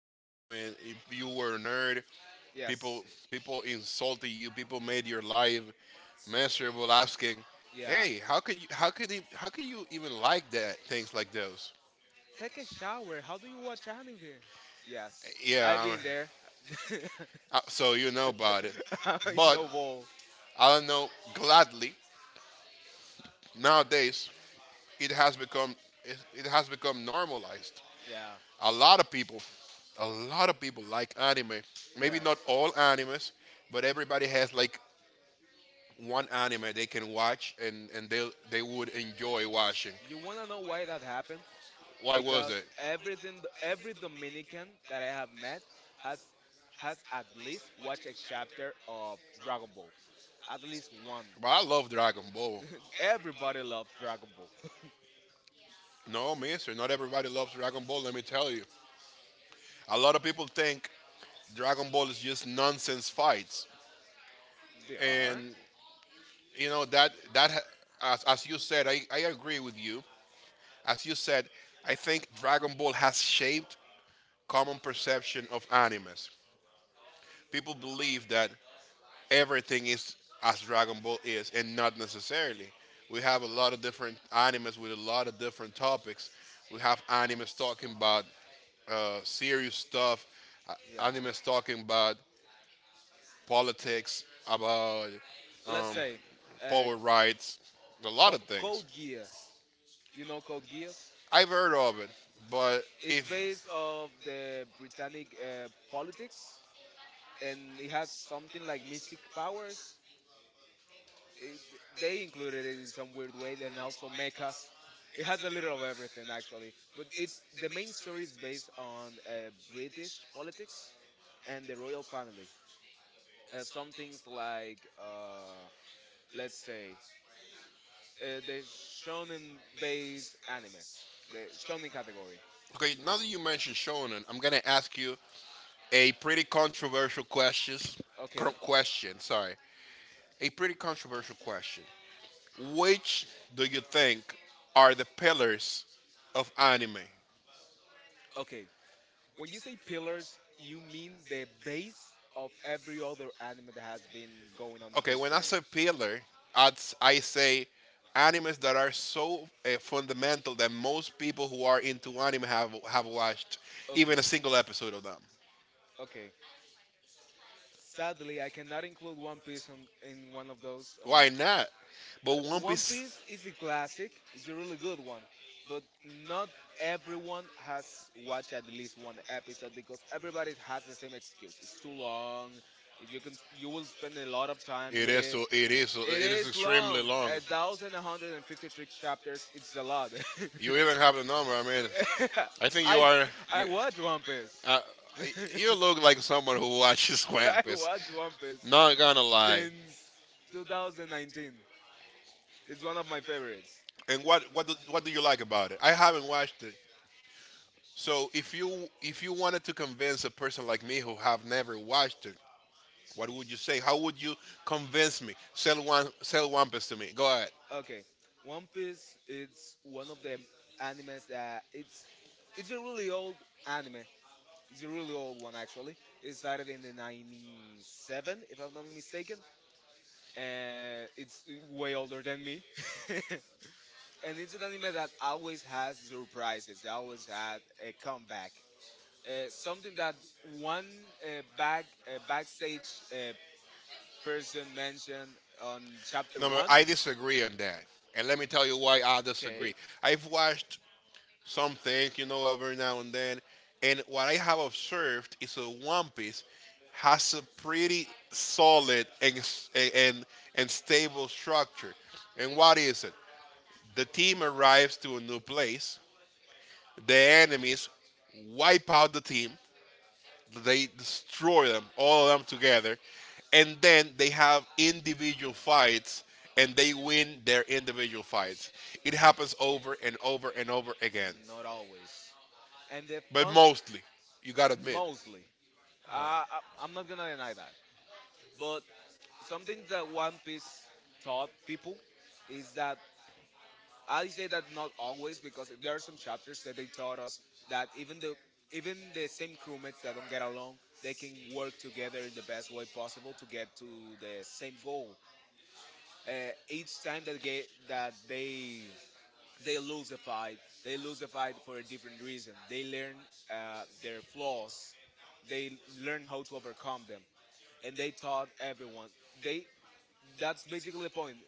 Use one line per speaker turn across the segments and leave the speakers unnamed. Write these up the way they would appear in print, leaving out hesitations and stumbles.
stigmatizing. I mean, if you were a nerd, people
Yes.
people insulted you. People made your life miserable, asking,
Yeah.
"Hey, how could you? How could it, how could you even like that? Things like those."
Take a shower. How do you watch anime? Yes.
Yeah,
I've
I mean,
been there.
so you know about it,
I
but
know all.
I don't know. Gladly nowadays, it has become it has become normalized.
Yeah.
a lot of people, a lot of people like anime. Maybe
Yes.
not all animes, but everybody has like one anime they can watch and they would enjoy watching.
You wanna know why that happened?
Why was
Because
it?
every Dominican that I have met has has at least watched a chapter of Dragon Ball. At least one.
But I love Dragon Ball.
Everybody loves Dragon Ball.
No, mister, not everybody loves Dragon Ball, let me tell you. A lot of people think Dragon Ball is just nonsense fights.
They are.
And you know that as you said, I agree with you. As you said, I think Dragon Ball has shaped common perception of animes. People believe that everything is as Dragon Ball is, and not necessarily. We have a lot of different animes with a lot of different topics. We have animes talking about, serious stuff, uh,
Yeah.
animes talking about politics, about,
Let's
um,
say, uh,
power rights, a lot of things.
Code Geass. You know Code Geass?
I've heard of it, but
It's
if
based of the Britannic politics, and it has something like mystic powers. it, they included it in some weird way, and also mechas. It has a little of everything actually, but it's the main story is based on British politics and the royal family. Some things like, let's say, uh, the the shonen category.
okay, now that you mentioned shonen, I'm gonna ask you a pretty controversial question.
Okay,
Question, sorry, a pretty controversial question. Which do you think are the pillars of anime?
okay. When you say pillars, you mean the base of every other anime that has been going on in
Okay, when I
history?
say pillar, I say animes that are so fundamental that most people who are into anime have watched even
Okay,
a single episode of them.
okay. Sadly, I cannot include One Piece in one of those. On
Why not? But One
One
Piece,
Piece is a classic. It's a really good one, but not everyone has watched at least one episode because everybody has the same excuse. It's too long. You will spend a lot of time with it. It
it is
is
extremely
long.
long.
1,153 chapters. It's a lot.
You even have the number. I mean, I think you
I
are.
I
You,
watch One
uh,
Piece.
you look like someone who watches One
I
Piece.
watch One Piece
Not gonna lie.
since 2019. It's one of my favorites.
And what do you like about it? I haven't watched it. So if you wanted to convince a person like me who have never watched it, what would you say? How would you convince me? Sell Wampus to me. Go ahead.
Okay, One Piece is one of the animes that it's a really old anime. It's a really old one actually. It started in the 97 if I'm not mistaken. And it's way older than me. And it's an anime that always has surprises. It always had a comeback. Something that one backstage person mentioned on chapter
No, but
one.
I disagree on that. And let me tell you why I
Okay.
disagree. I've watched some things, you know, every now and then. And what I have observed is a One Piece has a pretty solid and stable structure. And what is it? The team arrives to a new place. The enemies wipe out the team. They destroy them, all of them together, and then they have individual fights and they win their individual fights. It happens over and over and over again.
Not always. And the
But
fun,
mostly, you gotta admit.
mostly. Uh, I, I'm not gonna deny that. But something that One Piece taught people is that, I say that not always because there are some chapters that they taught us that even the same crewmates that don't get along, they can work together in the best way possible to get to the same goal. Each time that they lose the fight, they lose the fight for a different reason. They learn their flaws. They learn how to overcome them, and they taught everyone. They That's basically the point.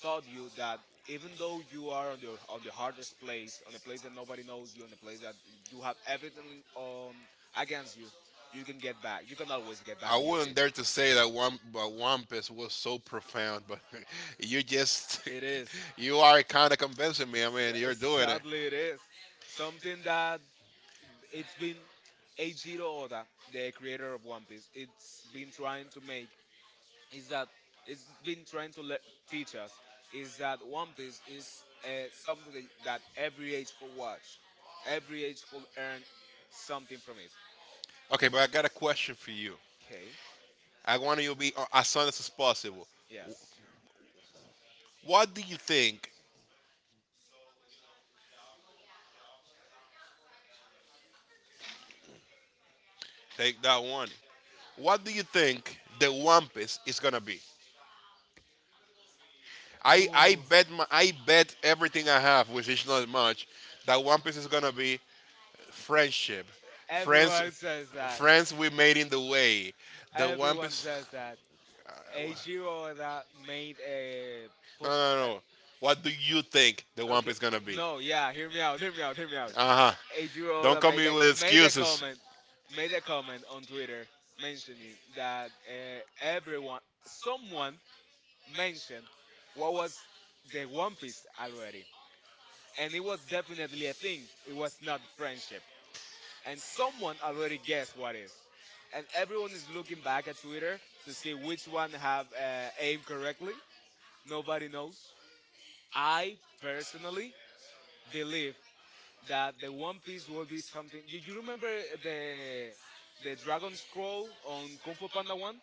Taught you that even though you are on the hardest place, on a place that nobody knows you, on a place that you have everything against you, you can get back. You can always get back
I
on your
wouldn't
feet.
dare to say that one, but Wampus was so profound, but you just,
It is.
you are kind of convincing me. I mean, you're doing it.
Sadly, it is something that it's been Eiichiro Oda, the creator of One Piece, it's been trying to make, is that it's been trying to teach us, is that One Piece is something that every age could watch, every age could earn something from it.
Okay, but I got a question for you.
Okay,
I want you to be, as honest as possible.
yes.
What do you think? Take that one. What do you think the One Piece is gonna be? I
Ooh.
bet my, I bet everything I have, which is not much, that One Piece is gonna be friendship, friends,
Everyone says that.
friends we made in the way. The One
Everyone
Piece.
says that. Eiichiro that made a
No,
pop.
no, no. What do you think the One
Okay,
Piece is gonna be?
no, yeah, hear me out, hear me out, hear me out.
Uh huh.
Eiichiro
Don't
that
come me with
made a
excuses.
comment, made a comment on Twitter mentioning that everyone, someone mentioned what was the One Piece already, and it was definitely a thing. It was not friendship, and someone already guessed what is. And everyone is looking back at Twitter to see which one have aimed correctly. Nobody knows. I personally believe that the One Piece will be something. Do you remember the the Dragon Scroll on Kung Fu Panda One?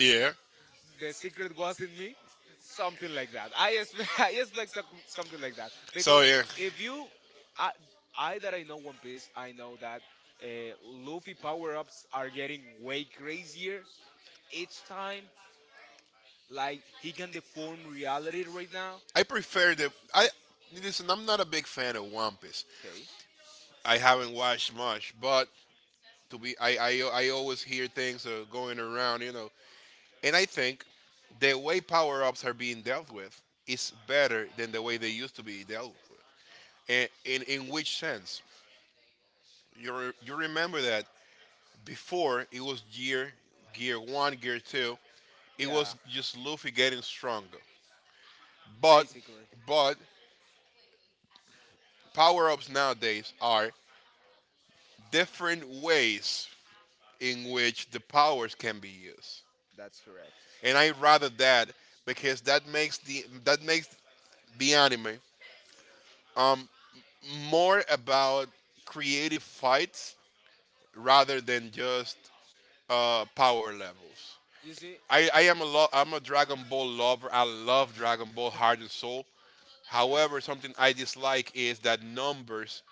Yeah.
The secret was in me. Something like that. I expect, I expect something like that
So
because
yeah,
if you, I, I that I know One Piece, I know that uh, Luffy power ups are getting way crazier each time. Like he can deform reality right now.
I prefer the I. Listen, I'm not a big fan of One Piece.
Okay,
I haven't watched much, but to be, I always hear things are going around, you know. And I think the way power ups are being dealt with is better than the way they used to be dealt with. And in which sense? You remember that before it was gear, gear one, gear two, it
yeah,
was just Luffy getting stronger. But,
basically.
but power ups nowadays are different ways in which the powers can be used.
That's correct.
And I rather that, because that makes the anime more about creative fights rather than just, power levels.
You see,
I'm a Dragon Ball lover. I love Dragon Ball Heart and Soul. However, something I dislike is that numbers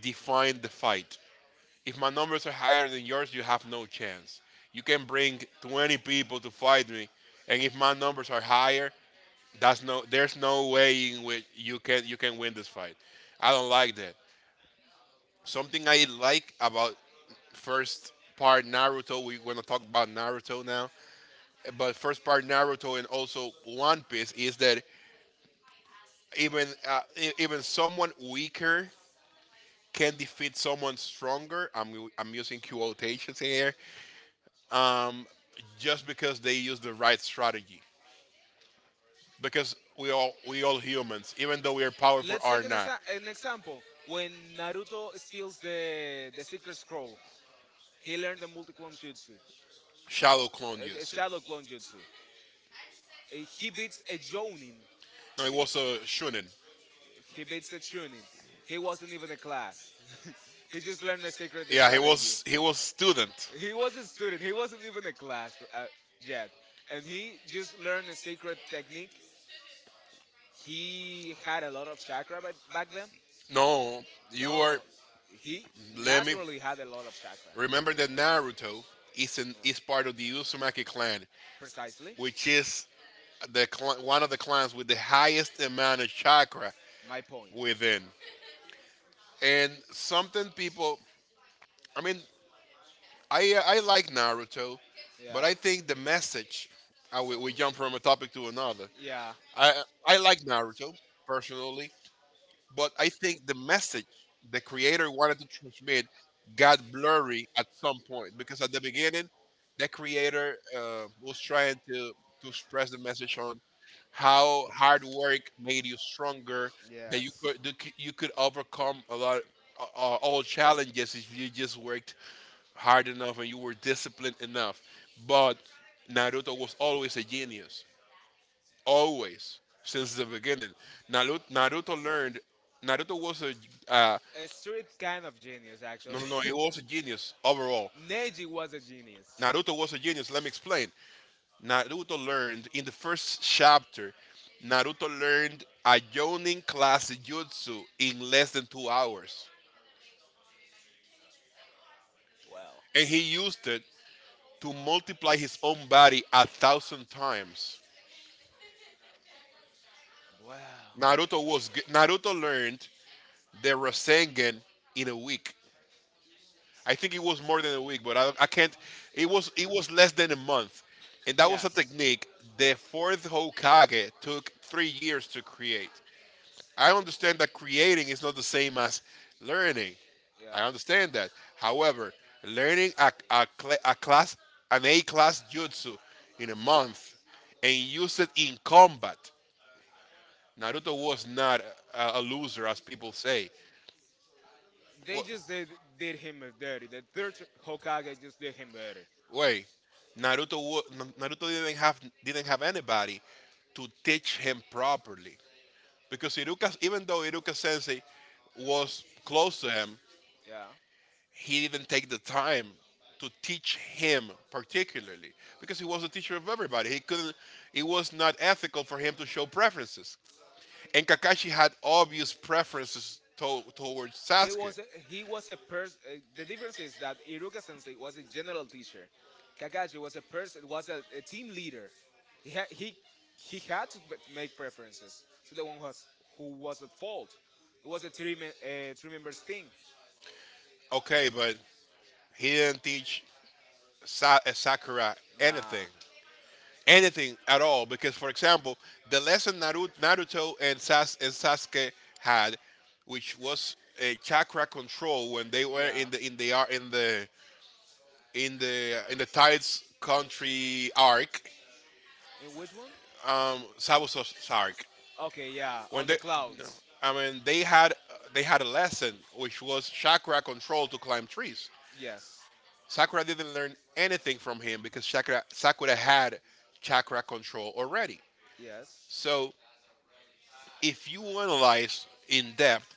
define the fight. If my numbers are higher than yours, you have no chance. You can bring 20 people to fight me, and if my numbers are higher, that's no. There's no way in which you can win this fight. I don't like that. Something I like about first part Naruto. We're gonna talk about Naruto now, but first part Naruto and also One Piece is that even even someone weaker can defeat someone stronger. I'm using quotations here. Um, just because they use the right strategy. Because we all humans, even though we are powerful,
let's
are
take an,
not.
exa- an example. When Naruto steals the secret scroll, he learned the multi clone jutsu,
Shadow clone
the
jutsu.
shadow clone jutsu. He beats a Jonin.
No, he
b-
was a shunin.
He beats a Chunin. He wasn't even a class. He just learned the secret
Yeah, he
strategy.
was he was student.
He was a student. He wasn't even a class yet, and he just learned a secret technique. He had a lot of chakra back then.
No, you
No,
are.
he
Let me
naturally had a lot of chakra.
remember that Naruto is
No,
part of the Uzumaki clan,
precisely.
which is one of the clans with the highest amount of chakra
My point.
within. And something people, I mean, I, I like Naruto, but
Yeah.
I think the message. We jump from a topic to another.
Yeah.
I like Naruto personally. But I think the message the creator wanted to transmit got blurry at some point because at the beginning, the creator, was trying to express the message on how hard work made you stronger, that
Yes.
you could overcome a lot, all challenges if you just worked hard enough and you were disciplined enough. But Naruto was always a genius, always since the beginning. Naruto, Naruto learned. Naruto was a uh,
A street kind of genius,
no,
actually.
no, no, he was a genius overall.
Neji was a genius.
Naruto was a genius. Let me explain. Naruto learned in the first chapter. Naruto learned a Jonin class jutsu in less than 2 hours,
Well,
and he used it to multiply his own body a thousand times.
well.
Naruto learned the Rasengan in a week. I think it was more than a week, but I can't. It was less than a month, and that was a
Yes.
technique the fourth Hokage took 3 years to create. I understand that creating is not the same as learning. I
Yeah.
understand that. However, learning a, cla a class an A class jutsu in a month and use it in combat. Naruto was not a, a loser, as people say.
They
Well,
just did him dirty. The third Hokage just did him dirty.
wait, Naruto didn't have anybody to teach him properly because Iruka, even though Iruka Sensei was close to him,
Yeah.
he didn't take the time to teach him particularly because he was a teacher of everybody. He couldn't. It was not ethical for him to show preferences. And Kakashi had obvious preferences to- towards
He
Sasuke.
was a, he was a person. The difference is that Iruka Sensei was a general teacher. Kakashi was a team leader. He ha- he had to b- make preferences to the one who was at fault. It was a three members thing.
Okay, but he didn't teach Sakura anything
Nah.
anything at all because, for example, the lesson Naruto and Sasuke had, which was a chakra control when they were
Yeah.
in the ar- in the in the in the Tides Country arc,
In which one?
Sabusa's arc.
Okay, yeah,
When
on the
they,
clouds.
I mean, they had a lesson which was chakra control to climb trees.
Yes.
Sakura didn't learn anything from him because Sakura had chakra control already.
Yes.
So if you analyze in depth,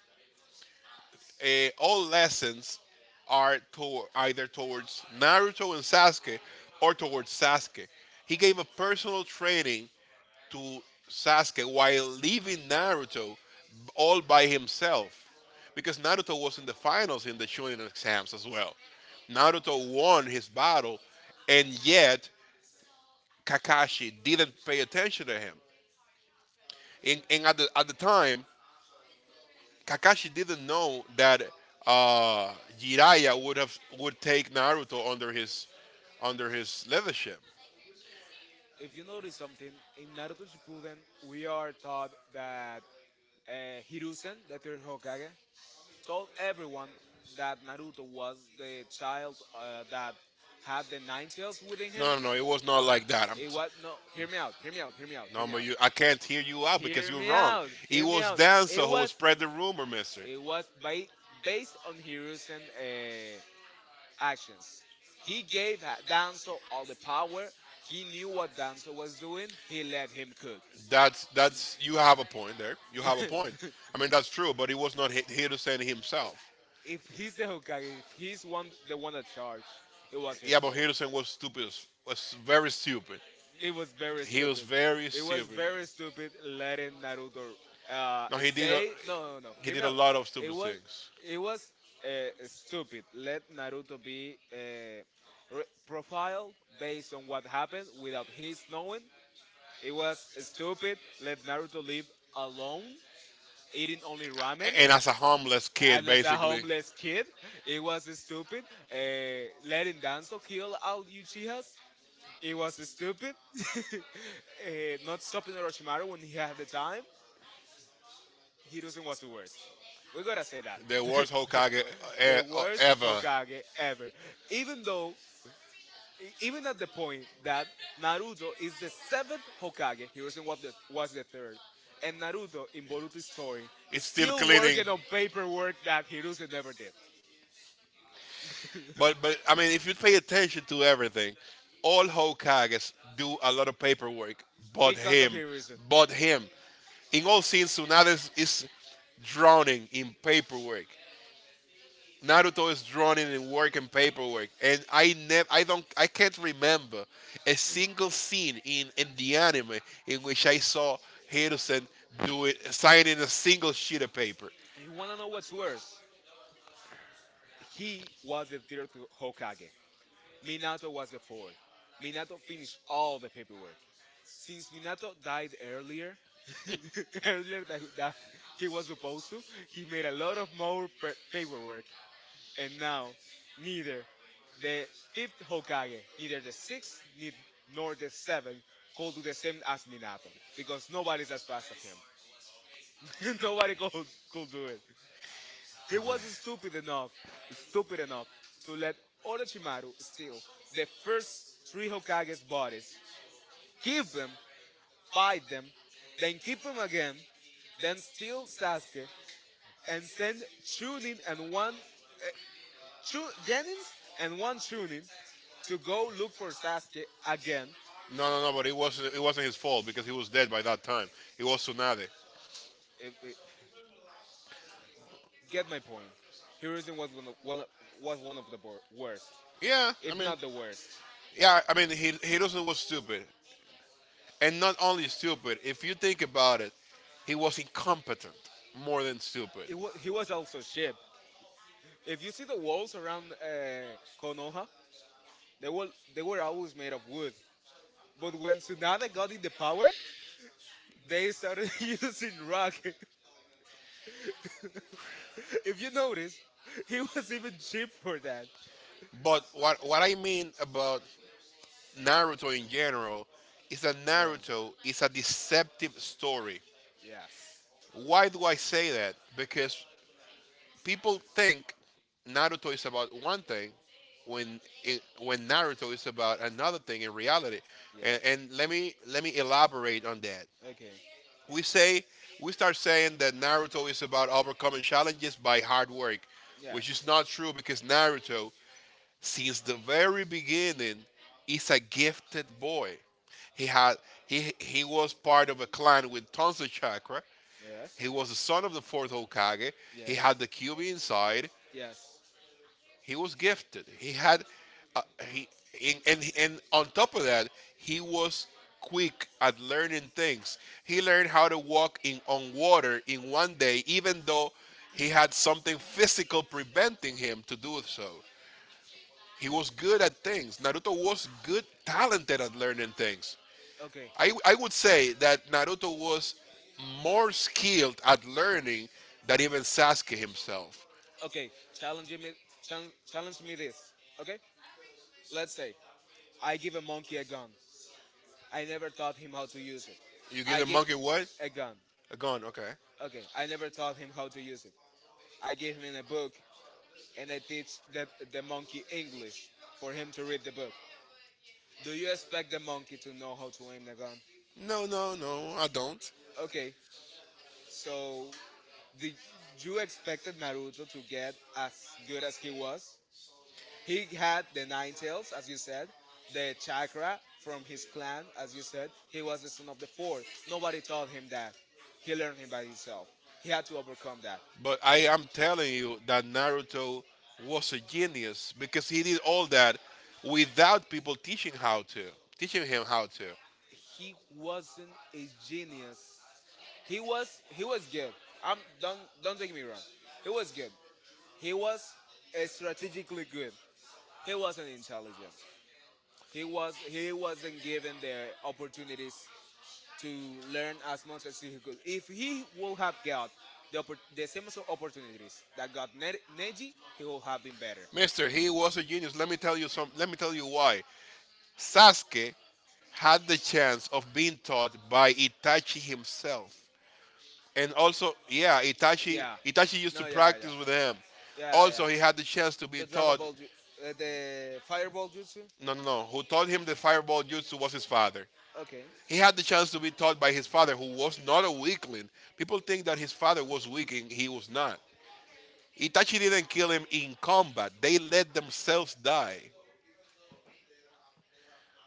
all lessons are to- either towards Naruto and Sasuke or towards Sasuke. He gave a personal training to Sasuke while leaving Naruto all by himself because Naruto was in the finals in the Shonen exams as well. Naruto won his battle, and yet Kakashi didn't pay attention to him. And, at the time, Kakashi didn't know that, uh, Jiraiya would take Naruto under his leadership.
If you notice something, in Naruto Shippuden, we are taught that Hiruzen, the third Hokage, told everyone that Naruto was the child that had the nine tails within him.
No, no, no. It was not
No,
like that. I'm,
it was no. Hear me out. Hear me out. Hear me out. Hear
no,
me
but
out.
you, I can't hear you out because
Hear
you're
me
wrong.
out.
It
Hear me
was
out. It
Danzo who
was
spread the rumor, Mister.
it was based on Hiruzen actions. He gave Danzo all the power. He knew what Danzo was doing. He let him cook.
That's you have a point there. You have a point. I mean that's true, but it was not Hiruzen himself.
If he's the Hokage, if he's one the one that charged, it was his
Yeah, but
fault.
Henderson was stupid. As- was very stupid.
It was very
He was
stupid.
very
It was
stupid.
very stupid letting Naruto uh
No, he did. A,
say no, no, no.
He
Hear
did
me
a
out.
lot of
It
stupid
was
things.
it was stupid. Let Naruto be profiled based on what happened without his knowing. It was stupid. Let Naruto live alone, eating only ramen.
And as a homeless kid,
And as a
basically.
homeless kid, it was stupid. Letting Danzo kill all Uchihas. It was stupid. Not stopping Orochimaru when he had the time. Hiruzen was the worst. We gotta say that.
The worst Hokage
The worst
ever.
Hokage ever. Even though, even at the point that Naruto is the seventh Hokage, Hiruzen was the third. And Naruto in Boruto's story is
It's still
still
cleaning.
working on paperwork that Hiruzen never did.
But but I mean, if you pay attention to everything, all Hokages do a lot of paperwork, but
Because of
him,
Hiruzen.
but him. In all scenes, Tsunade is drowning in paperwork. Naruto is drowning in work and paperwork, and I never, I don't, I can't remember a single scene in the anime in which I saw Hiruzen do it, signing a single sheet of paper.
You wanna know what's worse? He was the third Hokage. Minato was the fourth. Minato finished all the paperwork. Since Minato died earlier, earlier than that he was supposed to, he made a lot of more paperwork. And now, neither the fifth Hokage, neither the sixth, nor the seventh could do the same as Minato because nobody's as fast as him. Nobody could do it. He was not stupid enough to let Orochimaru steal the first three Hokage's bodies, keep them, fight them, then keep them again, then steal Sasuke, and send Chunin and one Genins and one Chunin to go look for Sasuke again.
No, but it wasn't his fault because he was dead by that time. It was Tsunade.
If, if- get my point. Hiruzen was one of the worst,
Yeah, I
if
mean,
not the worst.
yeah, I mean, he Hiddleston was stupid, and not only stupid. If you think about it, he was incompetent more than stupid.
He was also sheep. If you see the walls around Konoha, they were they were always made of wood. But when Tsunade got in the power, they started using rock. If you notice, he was even cheap for that.
But what I mean about Naruto in general is that
Yeah.
Naruto is a deceptive story.
Yes.
Why do I say that? Because people think Naruto is about one thing, when Naruto is about another thing in reality. And,
Yes.
and let me elaborate on that.
Okay.
we say we start saying that Naruto is about overcoming challenges by hard work, which is
Yes.
not true because Naruto, since the very beginning, is a gifted boy. He had he was part of a clan with tons of chakra.
Yes.
He was the son of the fourth Hokage. He
Yes.
had the cube inside.
Yes.
He was gifted. He had, uh, he And on top of that, he was quick at learning things. He learned how to walk in on water in 1 day, even though he had something physical preventing him to do so. He was good at things. Naruto was good, talented at learning things.
Okay.
I would say that Naruto was more skilled at learning than even Sasuke himself.
Okay. Challenge me. Chal Challenge me this. Okay. Let's say I give a monkey a gun. I never taught him how to use it.
You give
I
the
give
monkey what?
A gun.
A gun, okay.
Okay, I never taught him how to use it. I gave him a book, and I teach the monkey English for him to read the book. Do you expect the monkey to know how to aim the gun?
No, I don't.
Okay, so did you expected Naruto to get as good as he was? He had the nine tails, as you said, the chakra from his clan, as you said. He was the son of the fourth. Nobody taught him that. He learned it by himself. He had to overcome that.
But I am telling you that Naruto was a genius because he did all that without people teaching how to, teaching him how to.
He wasn't a genius. He was good. I'm don't take me wrong. He was good. He was strategically good. He wasn't intelligent. He wasn't given the opportunities to learn as much as he could. If he would have got the same sort of opportunities that got Neji, he would have been better.
Mister, he was a genius. Let me tell you some. Let me tell you why. Sasuke had the chance of being taught by Itachi himself, and also, yeah, Itachi.
Yeah.
Itachi used
No.
to
Yeah. Yeah.
practice with him.
Yeah. Yeah. Yeah.
Also, he had the chance to be
The Dragon
taught.
Ball, ju- the Fireball Jutsu.
No. Who taught him the fireball jutsu was his father.
Okay.
He had the chance to be taught by his father, who was not a weakling. People think that his father was weak, and he was not. Itachi didn't kill him in combat, they let themselves die.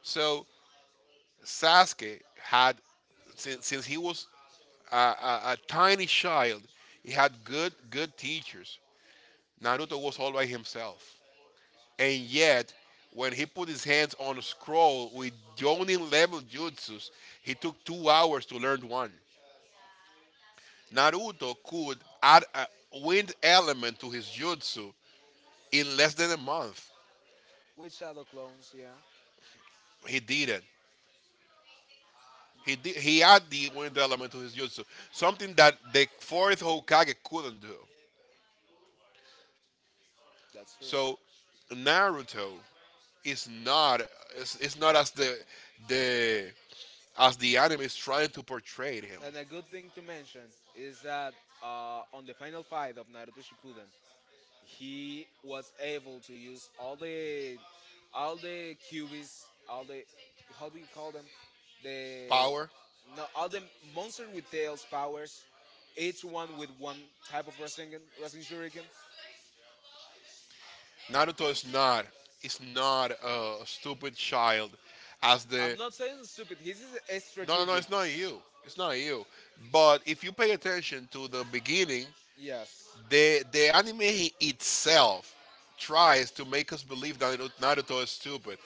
So Sasuke had, since he was a tiny child, he had good teachers. Naruto was all by himself. And yet, when he put his hands on a scroll with Jonin level jutsus, he took 2 hours to learn one. Naruto could add a wind element to his jutsu in less than a month.
With Shadow Clones. Yeah.
He didn't. He added the wind element to his jutsu, something that the fourth Hokage couldn't do.
That's true.
So Naruto is not is not as the the anime is trying to portray him.
And a good thing to mention is that on the final fight of Naruto Shippuden, he was able to use all the cubes, all the, how do you call them? The
Power.
No, all the monster with tails powers, each one with one type of Rasengan, Rasen Shuriken.
Naruto is not a stupid child as the
I'm not saying it's stupid. His is a
No.
strategic.
It's not you. It's not you. But if you pay attention to the beginning,
Yes,
the anime itself tries to make us believe that Naruto is stupid.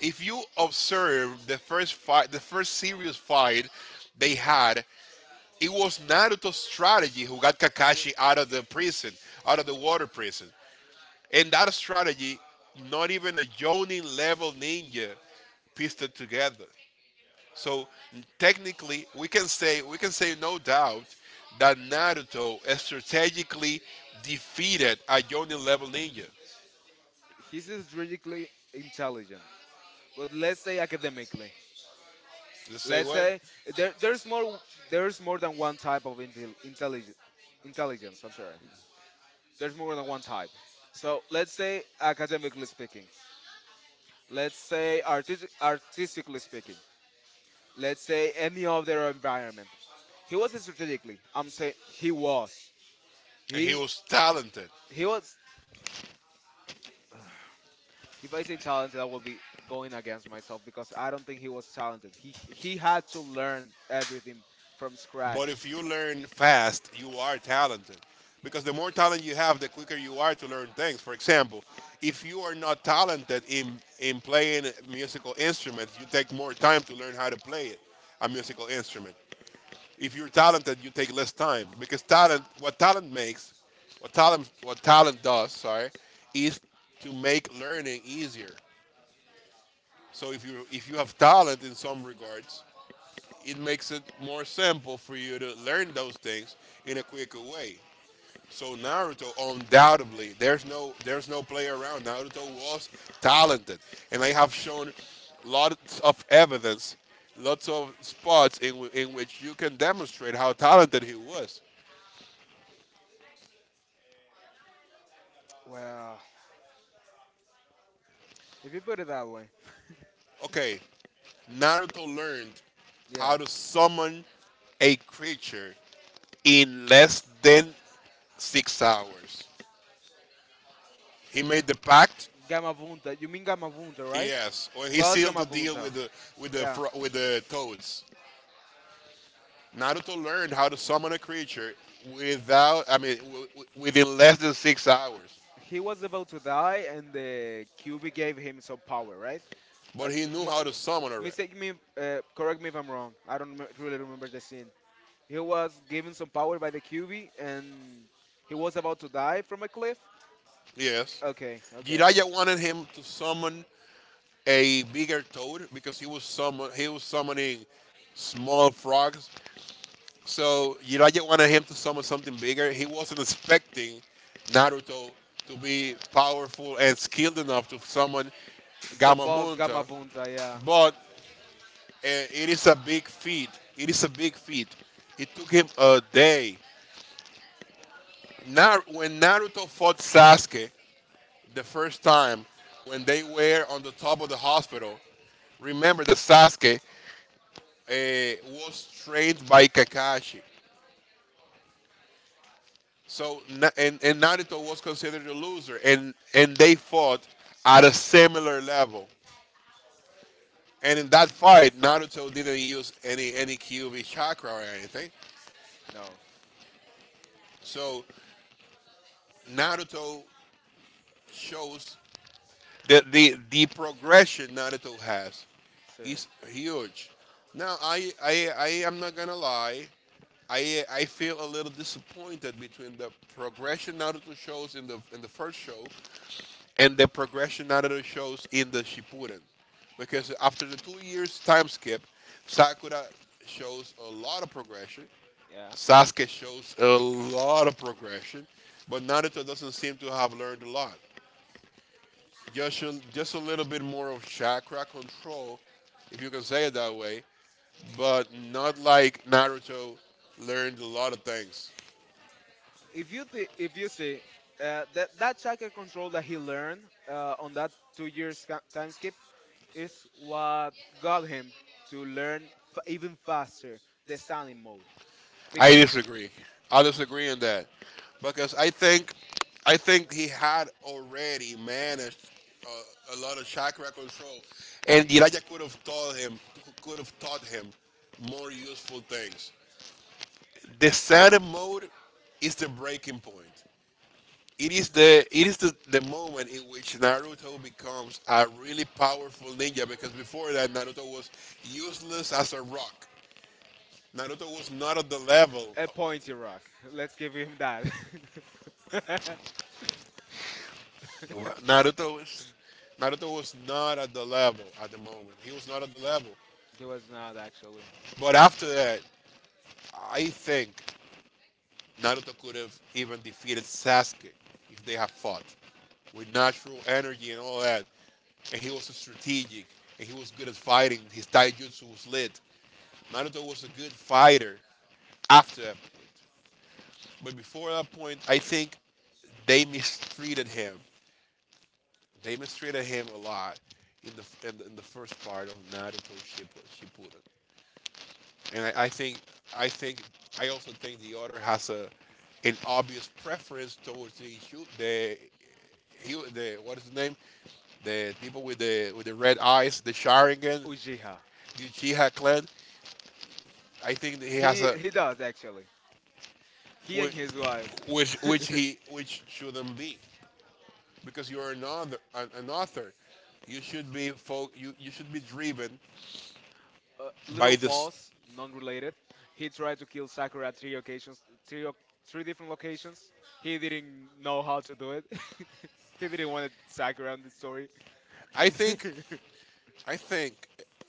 If you observe the first fight, the first serious fight they had, it was Naruto's strategy who got
W-
Kakashi out of the prison, out of the water prison, and that strategy, not even a Jonin level ninja pieced it together. So technically, we can say no doubt that Naruto strategically defeated a Jonin level ninja.
he's strategically intelligent, but let's say academically.
Let's say
Let's
what?
say there's more there's more than one type of intelligence, I'm sorry, there's more than one type. So let's say academically speaking, let's say artistically speaking, let's say any other environment. He was strategically, I'm saying he was,
And he
he
was talented.
he was. If I say talented I will be going against myself, because I don't think he was talented. He had to learn everything from scratch.
But if you learn fast, you are talented. Because the more talent you have, the quicker you are to learn things. For example, if you are not talented in playing musical instruments, you take more time to learn how to play it, a musical instrument. If you're talented, you take less time because talent, what talent makes, what talent does, sorry, is to make learning easier. So if you have talent in some regards, it makes it more simple for you to learn those things in a quicker way. So Naruto, undoubtedly, there's no play around. Naruto was talented, and I have shown lots of evidence, lots of spots in which you can demonstrate how talented he was.
Well, if you put it that way.
Okay, Naruto learned how to
Yes.
summon a creature in less than 6 hours. He made the pact.
Gamma Vunta. You mean Gamma Vunta, right?
Yes, or he
Boss
sealed
Gamma
the deal
Vunta.
with the with the
Yeah.
fro- with the toads. Naruto learned how to summon a creature without, I mean, within less than 6 hours.
He was about to die, and the QB gave him some power, right?
But
Uh, g-
he knew
m-
how to summon already.
mistake me, correct me if I'm wrong. I don't really remember the scene. He was given some power by the QB, and he was about to die from a cliff.
Yes,
Okay, okay, okay.
Jiraiya wanted him to summon a bigger toad because he was summoning small frogs. So you know, I just wanted him to summon something bigger. He wasn't expecting Naruto to be powerful and skilled enough to summon
The
Gamma
boss Gamma
Munta,
Vunta, yeah.
but it is a big feat. It is a big feat. It took him a day. When Naruto fought Sasuke the first time, when they were on the top of the hospital, remember that Sasuke was trained by Kakashi. So Na- and Naruto was considered a loser, and they fought at a similar level. And in that fight, Naruto didn't use any Kyuubi chakra or anything.
No.
So Naruto shows that the progression Naruto has
See.
is huge. Now I am not gonna lie. I feel a little disappointed between the progression Naruto shows in the first show and the progression out of the shows in the Shippuden. Because after the 2 years time skip, Sakura shows a lot of progression.
Yeah.
Sasuke shows a lot of progression, but Naruto doesn't seem to have learned a lot. Just a little bit more of chakra control, if you can say it that way, but not like Naruto learned a lot of things.
If you see, that chakra control that he learned, on that 2 years time skip, is what got him to learn even faster the sounding mode,
I
because...
disagree. I disagree in that because I think he had already managed a lot of chakra control, and Jiraiya could have taught him more useful things. The Saturn mode is the breaking point. It is the moment in which Naruto becomes a really powerful ninja because before that Naruto was useless as a rock. Naruto was not at the level
A pointy rock. Let's give him that.
Wa- Naruto is Naruto was not at the level at the moment. He was not at the level.
He was not actually.
But after that, I think Naruto could have even defeated Sasuke if they had fought with natural energy and all that. And he was strategic and he was good at fighting. His taijutsu was lit. Naruto was a good fighter after that point. But before that point, I think they mistreated him. They mistreated him a lot in in the first part of Naruto Shippuden, and I think I also think the author has a an obvious preference towards the shoot the he the what is his name the people with the red eyes the Sharingan,
Ujiha.
the Uchiha clan. I think that he has
He
a
he does actually. He and
which
his wife.
which he which shouldn't be because you're an author, you should be you should be driven by
Little
this
pause, non-related. He tried to kill Sakura at three occasions, three different locations. He didn't know how to do it. He didn't want Sakura in the story.
i think
Yeah.
I think,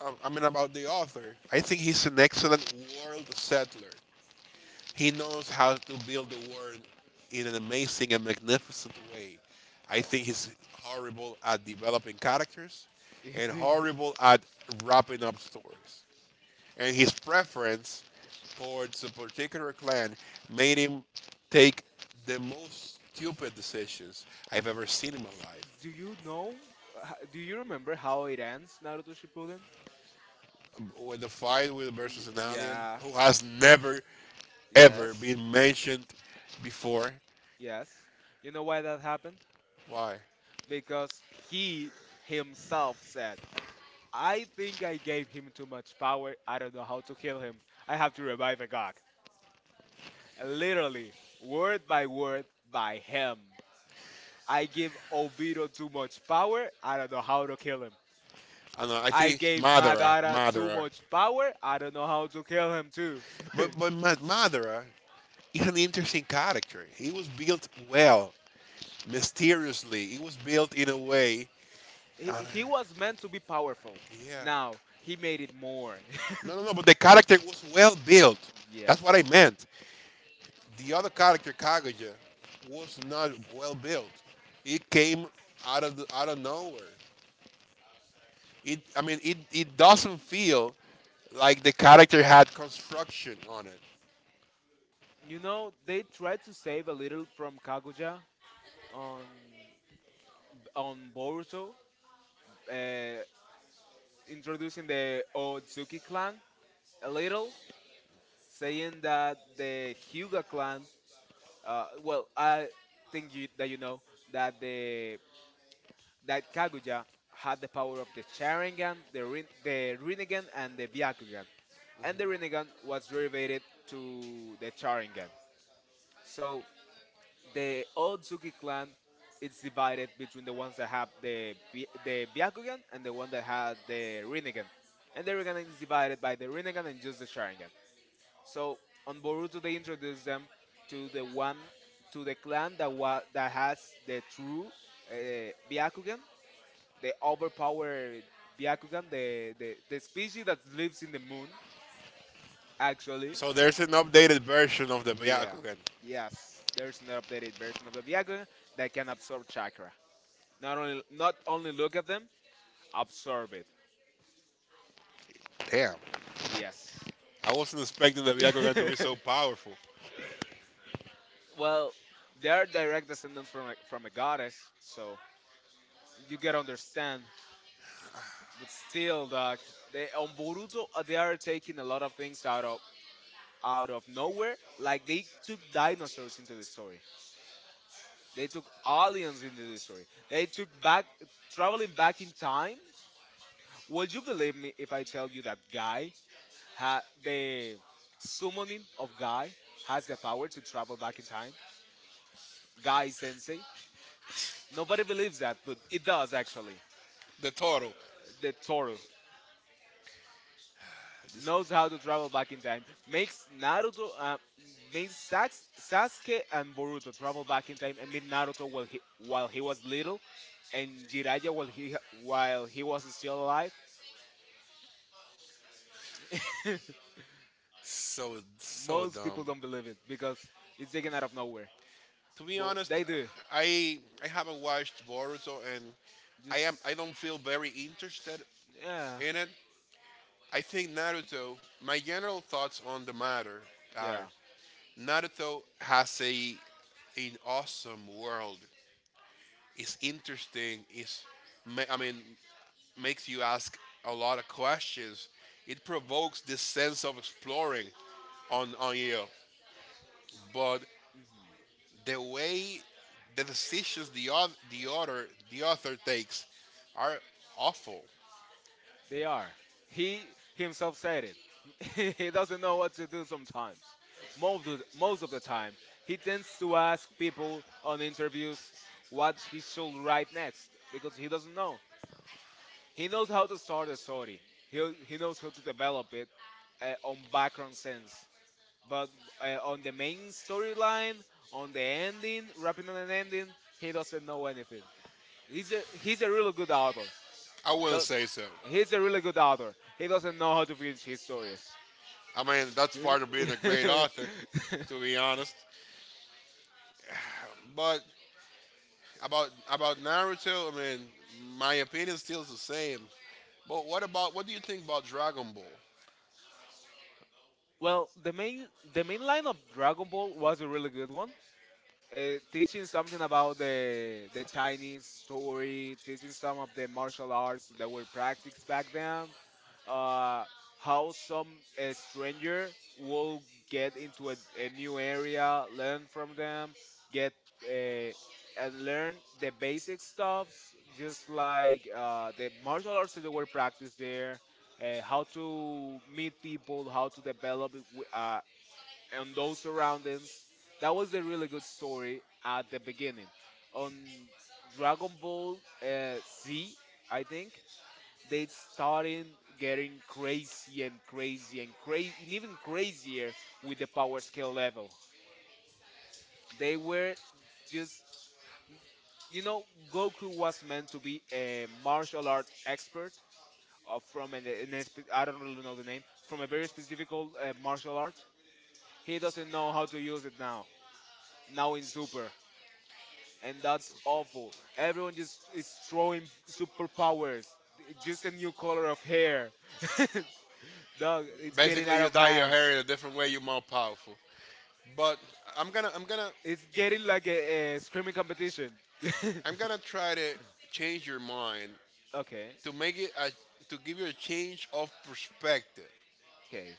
I mean, about the author, I think he's an excellent world settler. He knows how to build the world in an amazing and magnificent way. I think he's horrible at developing characters
He
and
did.
horrible at wrapping up stories. And his preference towards a particular clan made him take the most stupid decisions I've ever seen in my life.
Do you know? Do you remember how it ends, Naruto Shippuden?
With the fight with versus an alien
Yeah,
who has never ever
yes.
been mentioned before.
Yes. You know why that happened?
Why?
Because he himself said, I think I gave him too much power. I don't know how to kill him. I have to revive a god. Literally, word by word, by him. I give Obito too much power. I don't know how to kill him.
I don't know. I
I
think
gave Madara too
Madara.
much power. I don't know how to kill him, too.
But Madara is an interesting character. He was built well, mysteriously. He was built in a way.
He was meant to be powerful.
Yeah.
Now, he made it more.
No. But the character was well built. That's what I
Yes.
meant. The other character, Kaguya, was not well built. It came out of out of nowhere. It, I mean, it doesn't feel like the character had construction on it.
You know, they tried to save a little from Kaguya on on Boruto, uh, introducing the Otsutsuki clan a little, saying that the Hyuga clan, well, I think that you know that the that Kaguya had the power of the Sharingan, the Rinnegan, and the Byakugan. And the Rinnegan was derivated to the Sharingan. So the Otsutsuki clan is divided between the ones that have the Byakugan and the one that had the Rinnegan. And the Rinnegan is divided by the Rinnegan and just the Sharingan. So on Boruto they introduce them to the one to the clan that that has the true, uh, Byakugan, the overpowered Byakugan, the species that lives in the moon actually.
So there's an updated version of the
Yeah.
Byakugan.
Yes. There's an updated version of the Viagra that can absorb chakra. Not only look at them, absorb it.
Damn,
Yes.
I wasn't expecting the Byakugan to be so powerful.
Well, they are direct descendants from a goddess, so you get understand. But still, dog, they on Boruto, they are taking a lot of things out of nowhere. Like they took dinosaurs into the story. They took aliens into the story. They took back traveling back in time. Would you believe me if I tell you that Guy ha the summoning of Guy has the power to travel back in time? Guy Sensei? Nobody believes that, but it does actually.
The Toro.
The Toru
This,
knows how to travel back in time, makes Naruto, makes Sasuke and Boruto travel back in time and meet Naruto while he was little, and Jiraiya
ha-
while he was still alive.
so so
Most people
dumb.
don't believe it because it's taken out of nowhere,
To be
but
honest,
they do.
I haven't watched Boruto and
Just
I don't feel very interested
Yeah,
in it. I think Naruto. My general thoughts on the matter are
yeah.
Naruto has a an awesome world is interesting. I mean makes you ask a lot of questions. It provokes this sense of exploring on you. But
Hmm.
the way the decisions the author the author the author takes are awful.
They are. He himself said it. He doesn't know what to do sometimes. Most of the time, he tends to ask people on interviews what he should write next because he doesn't know. He knows how to start a story. He he knows how to develop it, on background sense, but, on the main storyline, on the ending, wrapping on an ending, he doesn't know anything. He's a really good author.
I wouldn't say so.
He's a really good author. He doesn't know how to finish his stories.
I mean that's part of being a great author, to be honest. But about Naruto, I mean my opinion still is the same. But what do you think about Dragon Ball?
Well, the main line of Dragon Ball was a really good one. Teaching something about the Chinese story, teaching some of the martial arts that were practiced back then. uh, how some, stranger will get into a new area, learn from them, get, uh, and learn the basic stuffs, just like, the martial arts that were practiced there, how to meet people, how to develop it in those surroundings. That was a really good story at the beginning. On Dragon Ball, Z, I think they started getting crazy and crazy and crazy and even crazier with the power scale level. They were just, you know Goku was meant to be a martial art expert, from an espe- I don't really know the name, from a very specific old, martial art. He doesn't know how to use it now. Now in Super, and that's awful. Everyone just is throwing superpowers. Just a new color of hair. Dog, it's getting
Basically,
out
you
of
dye your
hand.
hair in a different way. You're more powerful. But I'm gonna, I'm gonna,
It's getting like a screaming competition.
I'm gonna try to change your mind
Okay,
to make it a, to give you a change of perspective.
okay,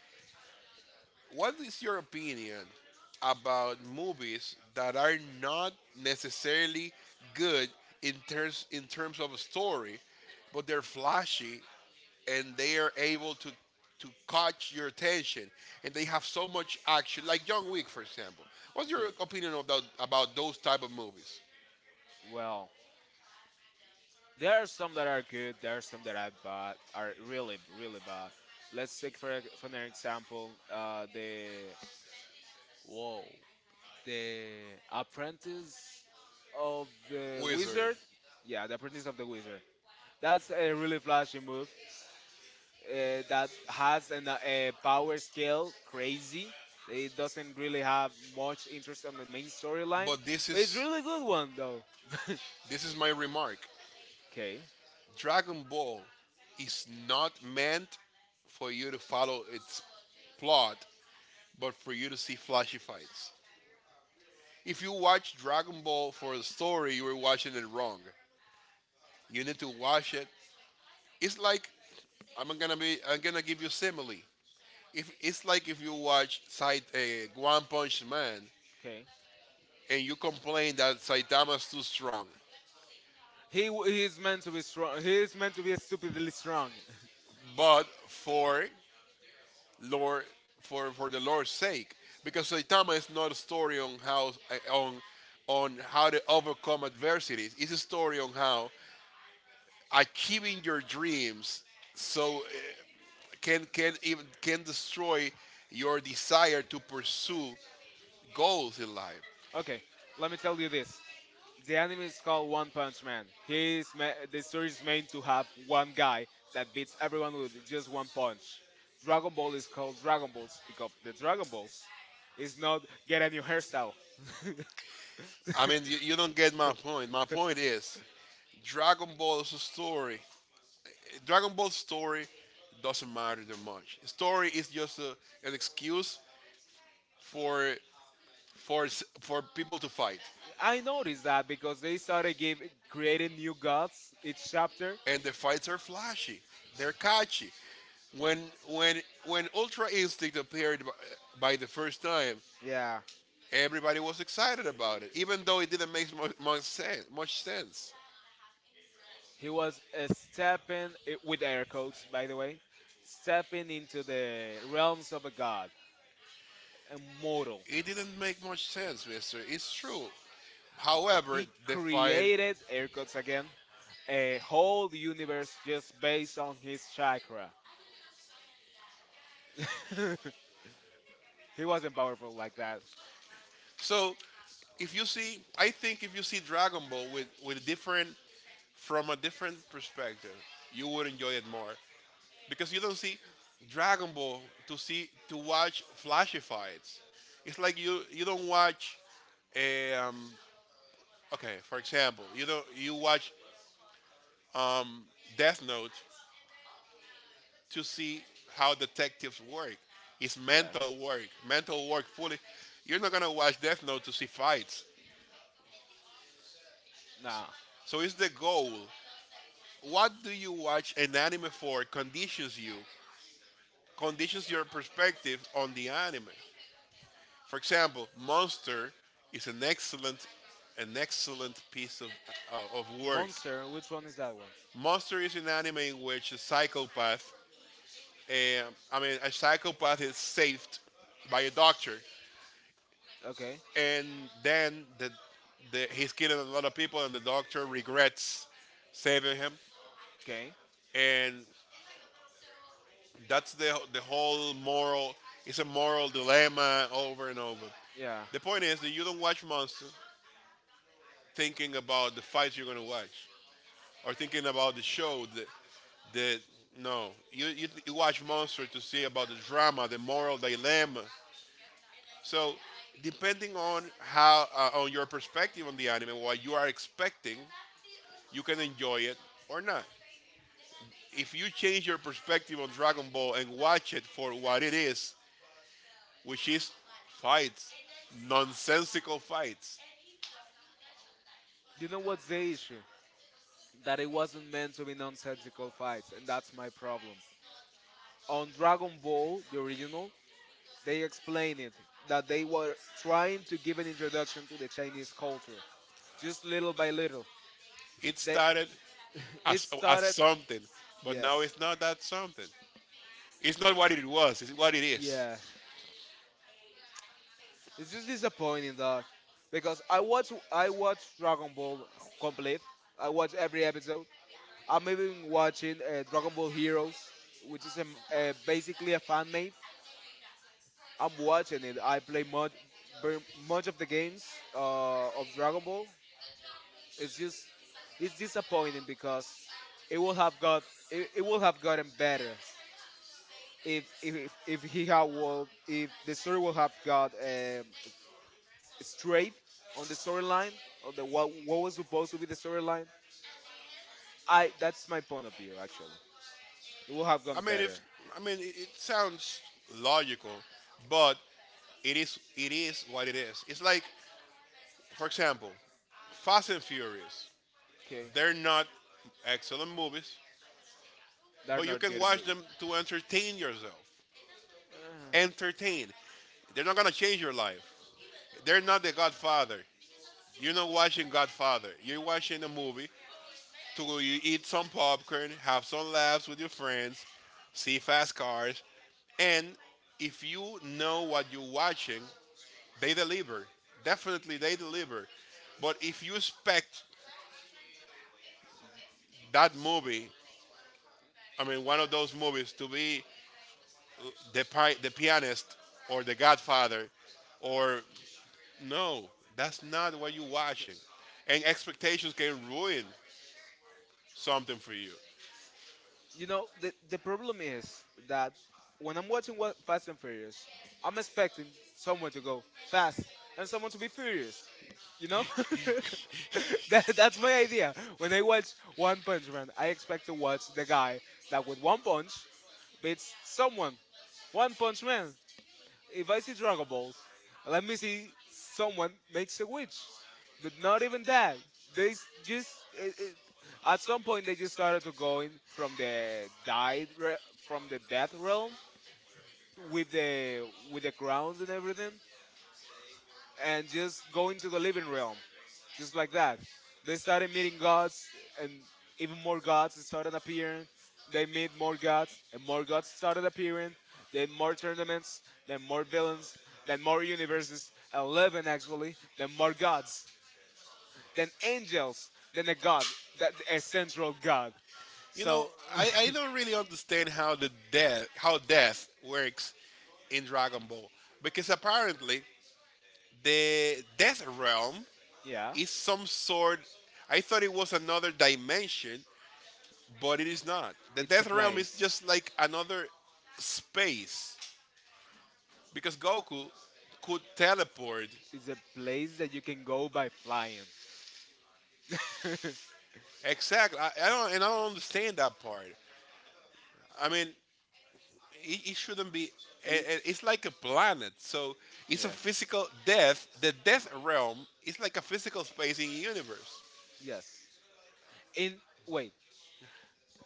What is your opinion about movies that are not necessarily good in terms of a story, but they're flashy and they are able to catch your attention, and they have so much action, like John Wick for example? What's your
okay.
opinion about those type of movies?
Well, there are some that are good. There are some that I bad are really, really bad. Let's take for an example, whoa, the Apprentice of the
Wizard.
Wizard. Yeah, the Apprentice of the Wizard. That's a really flashy move. That has a power scale crazy. It doesn't really have much interest on the main storyline,
But this
but it's
is
really good one though.
this is my remark.
Okay,
Dragon Ball is not meant for you to follow its plot, but for you to see flashy fights. If you watch Dragon Ball for a story, you are watching it wrong. You need to watch it. It's like, I'm gonna give you simile. If it's like If you watch One Punch Man
okay.
and you complain that Saitama's too strong,
He is meant to be strong. He is meant to be stupidly strong.
but for Lord for the Lord's sake, because Saitama is not a story on how to overcome adversities. It's a story on how achieving your dreams, so can even can destroy your desire to pursue goals in life.
Okay, let me tell you this. The anime is called One Punch Man. The story is meant to have one guy that beats everyone with just one punch. Dragon Ball is called Dragon Balls because the Dragon Balls is not get a new hairstyle.
I mean, you don't get my point. My point is Dragon Ball's story. Dragon Ball's story doesn't matter that much. Story is just an excuse for for people to fight,
I noticed that because they started creating new gods each chapter.
and the fights are flashy. They're catchy. When when Ultra Instinct appeared by the first time,
Yeah.
everybody was excited about it, even though it didn't make much sense.
He was, stepping, with air quotes, by the way, stepping into the realms of a god, immortal.
It didn't make much sense, Mister. It's true. However,
He
the fight.
created air quotes again, a whole universe just based on his chakra. He wasn't powerful like that.
So if you see, I think if you see Dragon Ball with different from a different perspective, you would enjoy it more, because you don't see Dragon Ball to watch flashy fights. It's like you don't watch a okay, for example, you don't you watch Death Note to see how detectives work. It's
Yes.
mental work fully. You're not gonna watch Death Note to see fights.
Nah.
So it's the goal. What do you watch an anime for conditions conditions your perspective on the anime. For example, Monster is an excellent piece of work.
Monster. Which one is that one?
Monster is an anime in which eh, I mean, a psychopath is saved by a doctor,
Okay.
and then he's killing a lot of people, and the doctor regrets saving him,
Okay.
and that's the whole moral. It's a moral dilemma over and over.
Yeah.
The point is that you don't watch Monster thinking about the fights you're gonna watch, or thinking about the show. That that no, you watch Monster to see about the drama, the moral dilemma. So depending on how on your perspective on the anime, what you are expecting, you can enjoy it or not. If you change your perspective on Dragon Ball and watch it for what it is, which is fights, nonsensical fights.
You know what's the issue? That it wasn't meant to be nonsensical fights, and that's my problem. On Dragon Ball, the original, they explain it that they were trying to give an introduction to the Chinese culture, just little by little.
It
They,
started
it
as
started,
something, but now
yes.
it's not that something. It's not what it
Eh,
was, it's what it is.
yeah. It's just disappointing, dog, because I watch Dragon Ball complete. I watch every episode. I'm even watching, Dragon Ball Heroes, which is basically a fan made. I'm watching it. I play very much of the games, of Dragon Ball. It's just, it's disappointing because it will have got, it will have gotten better if he had will if the story will have got, straight on the storyline, or the what was supposed to be the storyline. I That's my point of view, actually. It will have
I
gone
mean, if
better.
I mean, it sounds logical, but it is what it is. It's like, for example, Fast and Furious.
Okay,
They're not excellent movies,
they're
but you
not
can
good. At
watch them to entertain yourself.
mo-
Entertain. They're not gonna change your life. They're not the Godfather. You're not watching Godfather. You're watching a movie to go. You eat some popcorn, have some laughs with your friends, see fast cars, and if you know what you're watching, they deliver. Definitely, they deliver. But if you expect that movie, I mean, one of those movies, to be the pianist or the Godfather, or no, that's not what you're watching. And expectations can ruin something for you.
You know, the problem is that when I'm watching, Fast and Furious, I'm expecting someone to go fast and someone to be furious. You know? That's my idea. When I watch One Punch Man, I expect to watch the guy that with one punch beats someone. One Punch Man. If I see Dragon Balls, let me see someone makes a witch, but not even that. Just, at some point they just started to going from the, from the death realm with the crowns and everything, and just going to the living realm just like that. They started meeting gods, and even more gods started appearing. They meet more gods, and more gods started appearing. Then more tournaments, then more villains, then more universes, 11 actually, then more gods, then angels, then a god, that a central god.
You know,
So,
I don't really understand how death works in Dragon Ball, because apparently the death realm
yeah,
is some sort. I thought it was another dimension, but it is not. The
it's a
death realm is
place.
just like another space, because Goku could teleport.
It's a place that you can go by flying.
Exactly. I don't understand that part. I mean, it shouldn't be.
Y-
And It's like a planet, so it's a
yes,
physical death. The death realm is like a physical space in universe.
yes. In Wait,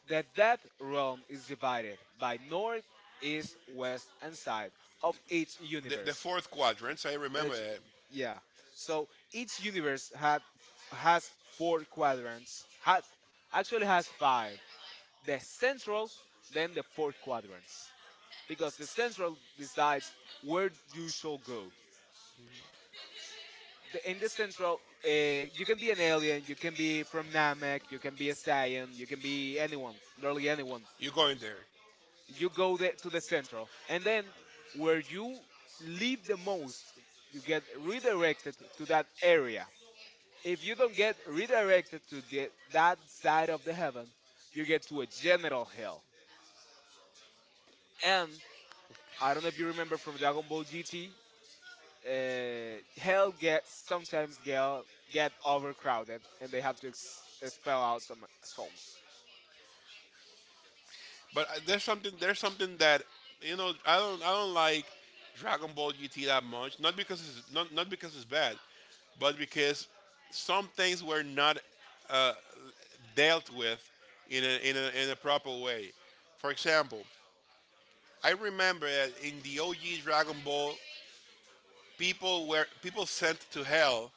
that realm is divided by north, east, west, and side of each
The,
universe.
fourth quadrant. So I remember
Each-
that,
yeah. So each universe had has four quadrants. Had Actually has five. The central, then the fourth quadrants, because the central decides where you shall go. In the central, you can be an alien, you can be from Namek, you can be a Saiyan, you can be anyone, literally anyone.
you go in there.
You go to the central, and then where you leave the most, you get redirected to that area. If you don't get redirected to that side of the heaven, you get to a general hell. And I don't know if you remember from Dragon Ball GT, hell get sometimes get overcrowded and they have to expel out some souls.
But there's something that I don't like Dragon Ball GT that much. Not because it's not not because it's bad, but because some things were not dealt with in a proper way. For example, I remember that in the OG Dragon Ball, people sent to hell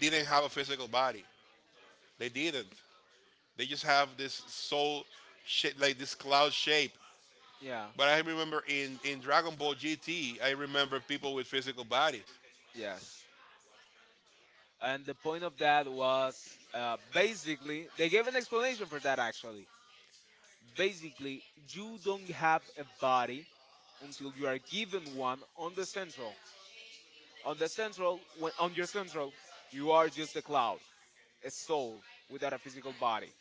didn't have a physical body. They didn't. They just have this soul shape, like this cloud shape.
Yeah.
But I remember in Dragon Ball GT, I remember people with physical bodies.
Yes. And the point of that was, basically, they gave an explanation for that actually. Basically, you don't have a body until you are given one on the central. On the central, on your central, you are just a cloud, a soul without a physical body.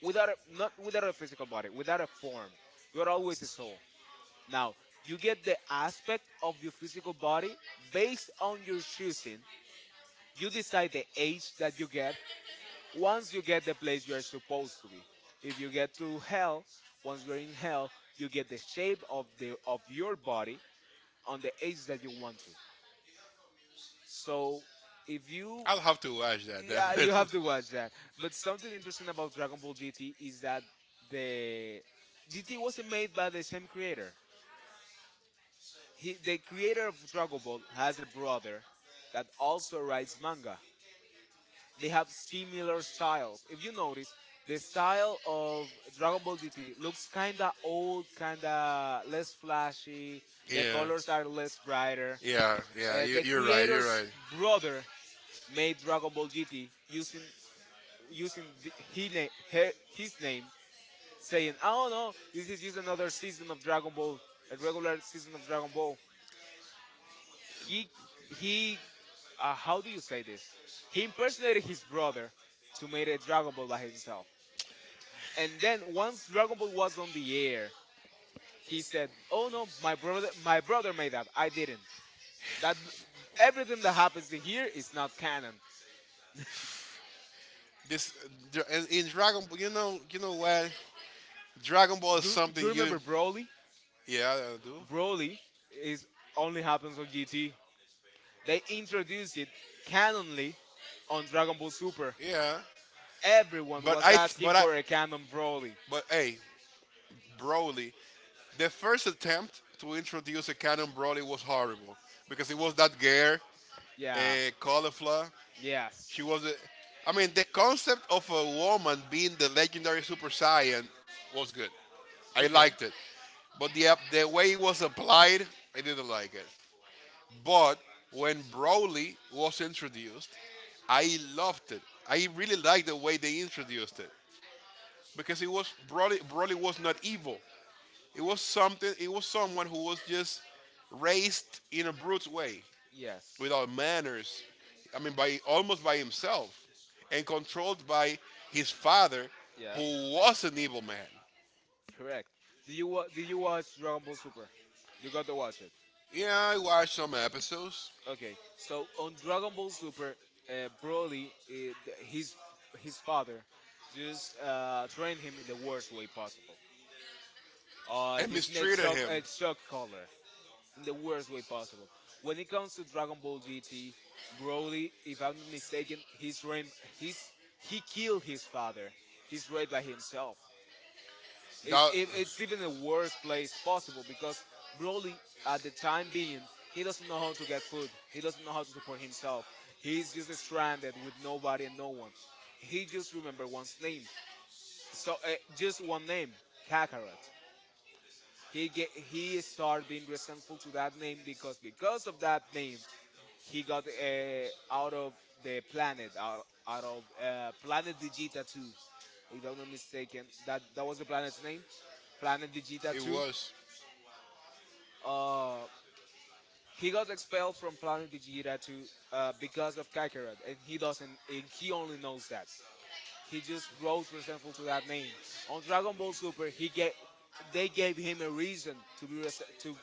Without a, Not without a physical body, without a form. You are always a soul. Now, you get the aspect of your physical body based on your choosing. You decide the age that you get once you get the place you are supposed to be. If you get to hell, once you're in hell, you get the shape of the of your body on the age that you want to. So if you—
I'll have to watch that.
yeah,
Definitely.
you have
Definitely.
to watch that. But something interesting about Dragon Ball GT is that the GT wasn't made by the same creator. The creator of Dragon Ball has a brother that also writes manga. They have similar styles. If you notice, the style of Dragon Ball GT looks kinda old, kinda less flashy. The colors are less brighter.
Yeah, yeah,
The
you're right, you're His
creator's
right.
brother made Dragon Ball GT using the, he na- her, his name,
Do
saying, "Oh no, this is just another season of Dragon Ball, a regular season of Dragon Ball." He he, how do you say this? He impersonated his brother to make a Dragon Ball by himself. And then once Dragon Ball was on the air, he said, "Oh no, my brother made that. I didn't. That Everything that happens in here is not canon."
this in Dragon Ball, you know what? Dragon Ball is
you
something
you
you,
remember Broly?
yeah, I do,
Broly is only happens on GT. They introduced it canonly on Dragon Ball Super.
yeah.
Everyone
But
was
I, but
asking
I,
for a canon Broly.
but hey, Broly, the first attempt to introduce a canon Broly was horrible, because it was that gear,
Yeah.
a cauliflower. She
Yes.
was. A, I mean, the concept of a woman being the legendary Super Saiyan was good. I
Okay.
liked it, but the way it was applied, I didn't like it. But when Broly was introduced, I loved it. I really liked the way they introduced it, because it was Broly. Broly was not evil. It was something. It was someone who was just raised in a brute way
Yes.
without manners. I mean, by almost by himself, and controlled by his father, who
Yes.
was an evil man.
Correct. Did you watch Dragon Ball Super? You got to watch it.
Yeah, I watched some episodes
Okay, so on Dragon Ball Super, uh, Broly, his his father just trained him in the worst way possible.
and
Using a
mistreated
chalk
him.
a chalk color in the worst way possible. When it comes to Dragon Ball GT, Broly, if I'm not mistaken, he's he killed his father. He's raised by himself. It's
That,
it, it's even the worst place possible because Broly, at the time being, he doesn't know how to get food. He doesn't know how to support himself. He's just stranded with nobody and no one. He just remember one's name. So, just one name, Kakarot. He started being resentful to that name because of that name he got, out of out of planet Vegeta 2. If I'm not mistaken, that was the planet's name, planet Vegeta
it
2.
was.
Uh, he got expelled from planet Vegeta to, because of Kakarot, and he doesn't, and he only knows that. He just grows resentful to that name. On Dragon Ball Super, he get they gave him a reason to be res- to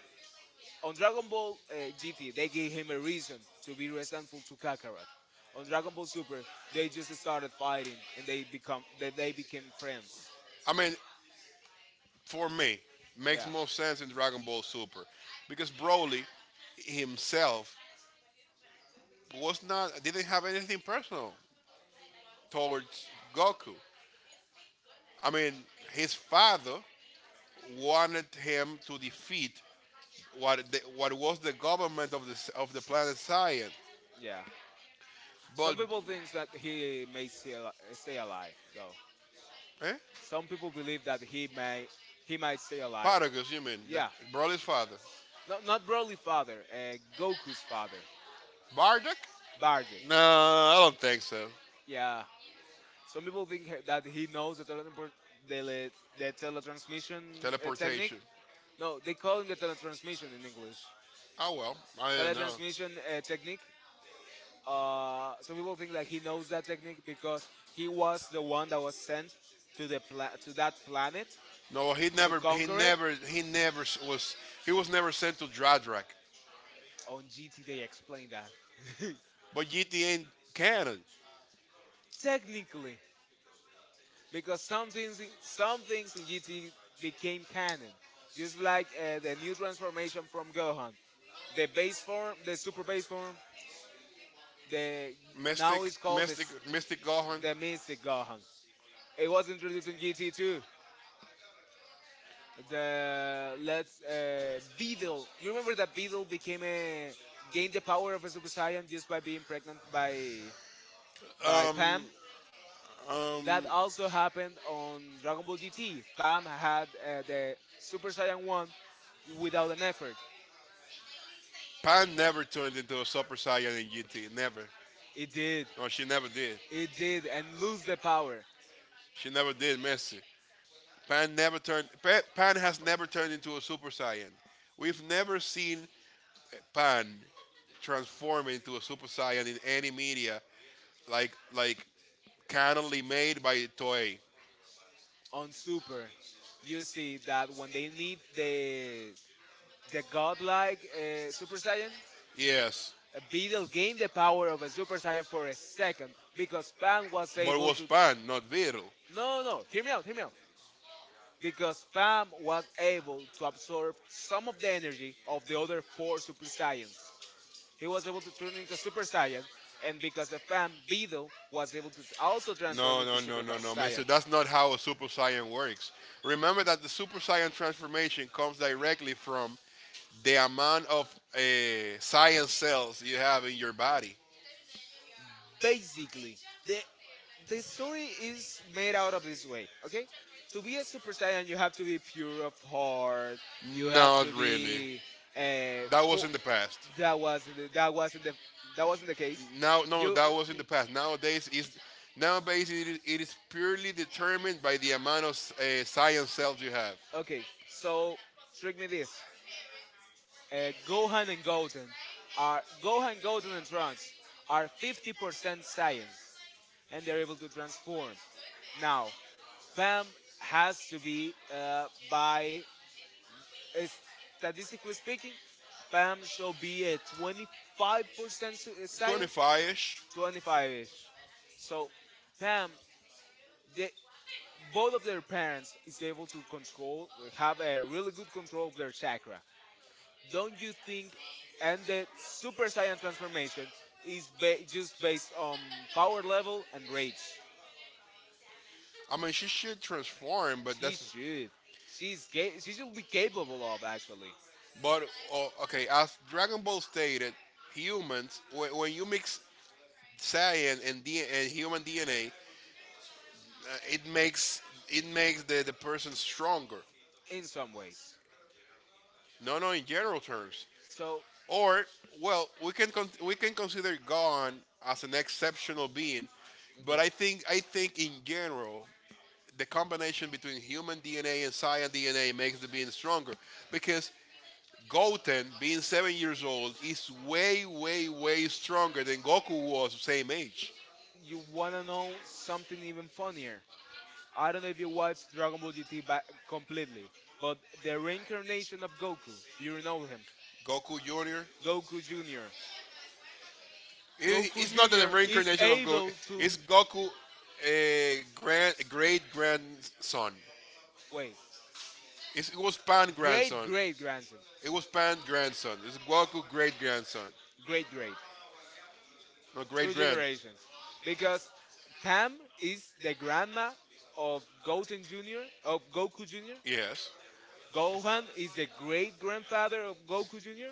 on Dragon Ball GT they gave him a reason to be resentful to Kakarot. On Dragon Ball Super, they just started fighting and they they became friends.
I mean, for me, makes
Yeah,
more sense in Dragon Ball Super, because Broly himself was not didn't have anything personal towards Goku. I mean, his father wanted him to defeat what was the government of the planet Saiyan?
yeah. Some
But
people think that he may stay alive though.
eh?
Some people believe that he may— he might stay alive.
Paragus, you mean the
Yeah,
Broly's father?
not Broly's father, Goku's father,
Bardock?
Bardock.
No, I don't think so.
Yeah, some people think that he knows the teleport, the, le- the teletransmission, technique.
Teleportation.
No, they call it the teletransmission in English.
Oh well, I don't know.
Teletransmission, technique. Some people think that he knows that technique because he was the one that was sent to to that planet
No,
to conquer it.
he was never sent to Dradrak.
On GT, they explain that.
But GT ain't canon.
Technically, because some things in GT became canon, just like, the new transformation from Gohan, the base form, the super base form, the—
Mystic,
now it's called
Mystic, Mystic Gohan.
the Mystic Gohan. It was introduced in GT too. The let's Beedle. You remember that Beedle became a gained the power of a Super Saiyan just by being pregnant by
Um,
Pam. That also happened on Dragon Ball GT. Pam had, the Super Saiyan 1 without an effort.
Pan never turned into a Super Saiyan in GT. Never.
It did.
No, she never did.
It did. And lose the power
She never did Messi. Pan never turned. Pan has never turned into a Super Saiyan. We've never seen Pan transform into a Super Saiyan in any media, like canonly made by Toei.
on Super. You see that when they need the godlike, Super Saiyan,
Yes,
Beedle gained the power of a Super Saiyan for a second because Pam was
but it
able
was
to.
Pan, not Vero. He
No, no, no, hear me out, hear me out. Because Pam was able to absorb some of the energy of the other four Super Saiyans. He was able to turn into Super Saiyan, and because of Pam, Beedle was able to also transform
No,
into
no, no,
Super
no, no,
Saiyan.
Mister. That's not how a Super Saiyan works. Remember that the Super Saiyan transformation comes directly from the amount of science cells you have in your body.
Basically, the the story is made out of this way, okay? To be a Super Saiyan, you have to be pure of heart. You have
Not
to
really.
be,
That was
full.
in the past.
That wasn't the— that wasn't the that wasn't the case.
Now, no,
You—
that was in the past. Nowadays it is purely determined by the amount of science cells you have.
okay? So trick me this. Uh, Gohan and Goten Gohan, Goten, and Trunks are 50% Saiyans, and they're able to transform. Now, Bam has to be by As- statistically speaking, Pam shall be a 25% science,
25-ish.
25-ish. So Pam, they, both of their parents is able to control— have a really good control of their chakra. Don't you think? And the super saiyan transformation is just based on power level and rage.
I mean, she should transform, but
She
that's
should. She should be capable of actually—
but oh, okay. As Dragon Ball stated, humans when you mix science and human DNA, it makes the person stronger.
in some ways.
No, no, in general terms.
So—
Or well, we can consider God as an exceptional being, but I
okay.
think I think in general the combination between human DNA and Saiyan DNA makes the being stronger, because Goten being 7 years old is way way way stronger than Goku was the same age.
You want to know something even funnier? I don't know if you watched Dragon Ball GT completely, but the reincarnation of Goku— do you know him?
Goku Junior.
Goku Jr.
It,
Goku
it's not the
Jr. is
reincarnation of Goku.
able to—
It's Goku, a great grandson.
wait.
It was Pan
Great
grandson.
great grandson.
It was Pan grandson. It's Goku great grandson.
Great great.
No
Two
great grand.
generations. Because Pam is the grandma of Goten Jr., of Goku Jr.
Yes.
Gohan is the great grandfather of Goku Jr.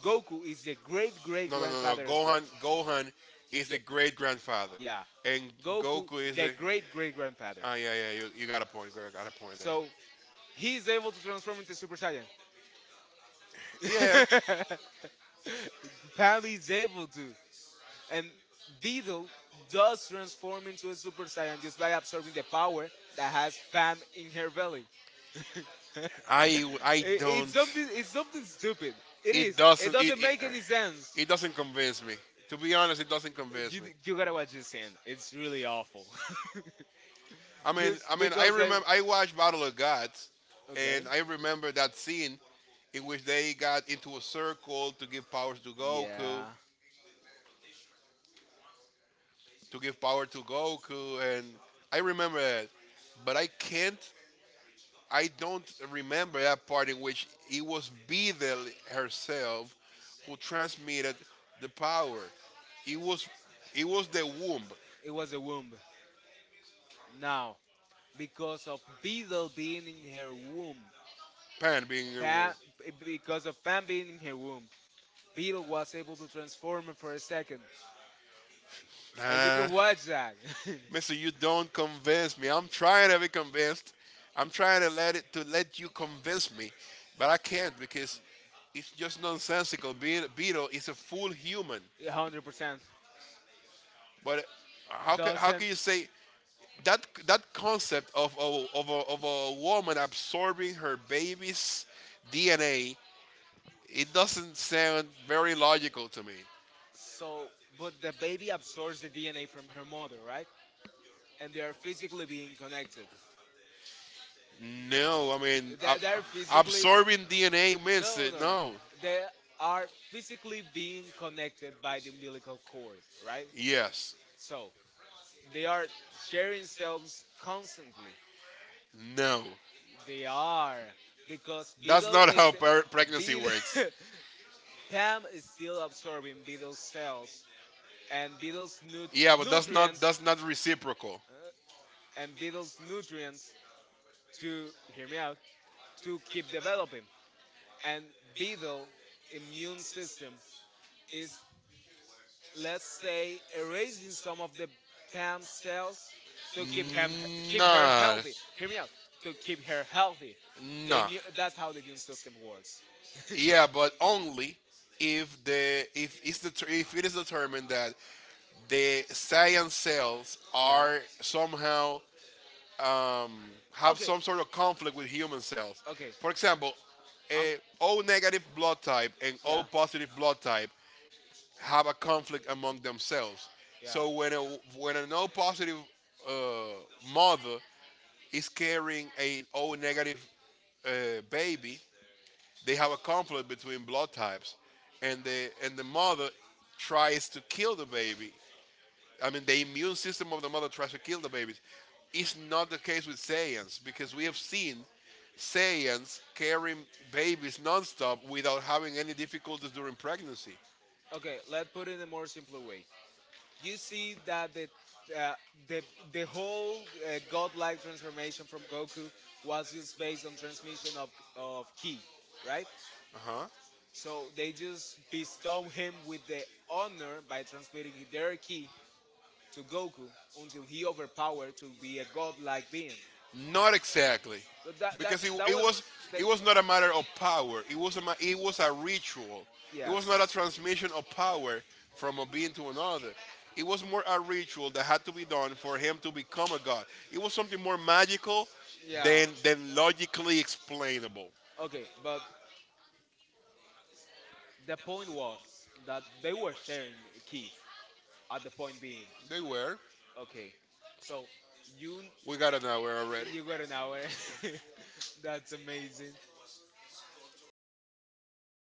Goku is the great great
No, no, no, no.
grandfather of
Gohan
is
is
the—
the great grandfather,
yeah.
and
Goku,
Goku is
the
the.
great great grandfather.
Ah, yeah, yeah. You got a point. Girl, got a point there.
So he's able to transform into Super Saiyan.
Yeah.
Pam is able to. And Beedle does transform into a Super Saiyan just by absorbing the power that has Pam in her belly. I-
I don't.
it's something stupid. It
It
is. It
doesn't. It
doesn't
it,
make any sense.
it doesn't convince me. To be honest, it doesn't convince
You,
me.
you gotta watch this scene. It's really awful. Just
I
because I—
remember I watched Battle of Gods, and
okay.
I remember that scene in which they got into a circle
Yeah.
to give power to Goku, and I remember that, but I can't. I don't remember that part in which it was Beedle herself who transmitted the power. It was, it was the womb.
It was a womb. Now, because of Beetle being in her womb—
Pan being in the womb.
Pam, because of Pam being in her womb, Beetle was able to transform for a second, and you
Huh?
can watch that.
Mister, you don't convince me. I'm trying to be convinced. I'm trying to let it to let you convince me, but I can't because it's just nonsensical. Beetle is a full human,
100%
but how can how
doesn't.
can you say that that concept of a woman absorbing her baby's DNA? It doesn't sound very logical to me.
So, but the baby absorbs the DNA from her mother, right? And they are physically being connected.
No, I mean
They, they are physically.
absorbing DNA means
No,
it.
no, no.
No.
They are physically being connected by the umbilical cord, right?
Yes.
So they are sharing cells constantly.
No.
They are, because
That's
Beetle
not
is—
how pregnancy
Beetle.
works.
Pam is still absorbing Beetle's cells and Beetle's
Yeah, but that's not
nutrients,
that's not reciprocal.
uh, and Beetle's nutrients— to hear me out— to keep developing. And Beetle immune system is, let's say, erasing some of the Pam cells to keep her
Nah,
healthy. Hear me out, to keep her healthy.
nah.
That's how the immune system works.
Yeah, but only if the if it's the if it is determined that the cyan cells
Yeah.
are somehow have
Okay,
some sort of conflict with human cells.
okay.
For example,
Um,
a O negative blood type and O
yeah,
positive blood type have a conflict among themselves.
yeah.
So when an O positive uh, mother is carrying an O negative baby, they have a conflict between blood types, and the mother tries to kill the baby. I mean, the immune system of the mother tries to kill the babies. It's not the case with Saiyans, because we have seen Saiyans carrying babies nonstop without having any difficulties during pregnancy.
Okay, let's put it in a more simpler way. You see that uh, the the whole, godlike transformation from Goku was just based on transmission of ki, right?
Huh?
So they just bestow him with the honor by transmitting their ki to Goku until he overpowered to be a godlike being.
Not exactly,
But that that
because it,
that
it
was—
was it
they,
was not a matter of power. It was a ritual. It
yes.
was not a transmission of power from a being to another. It was more a ritual that had to be done for him to become a god. It was something more magical
Yeah.
than logically explainable.
Okay, but the point was that they were sharing a key at the point being.
They were.
Okay, so you
We got an hour already.
you got an hour. That's amazing.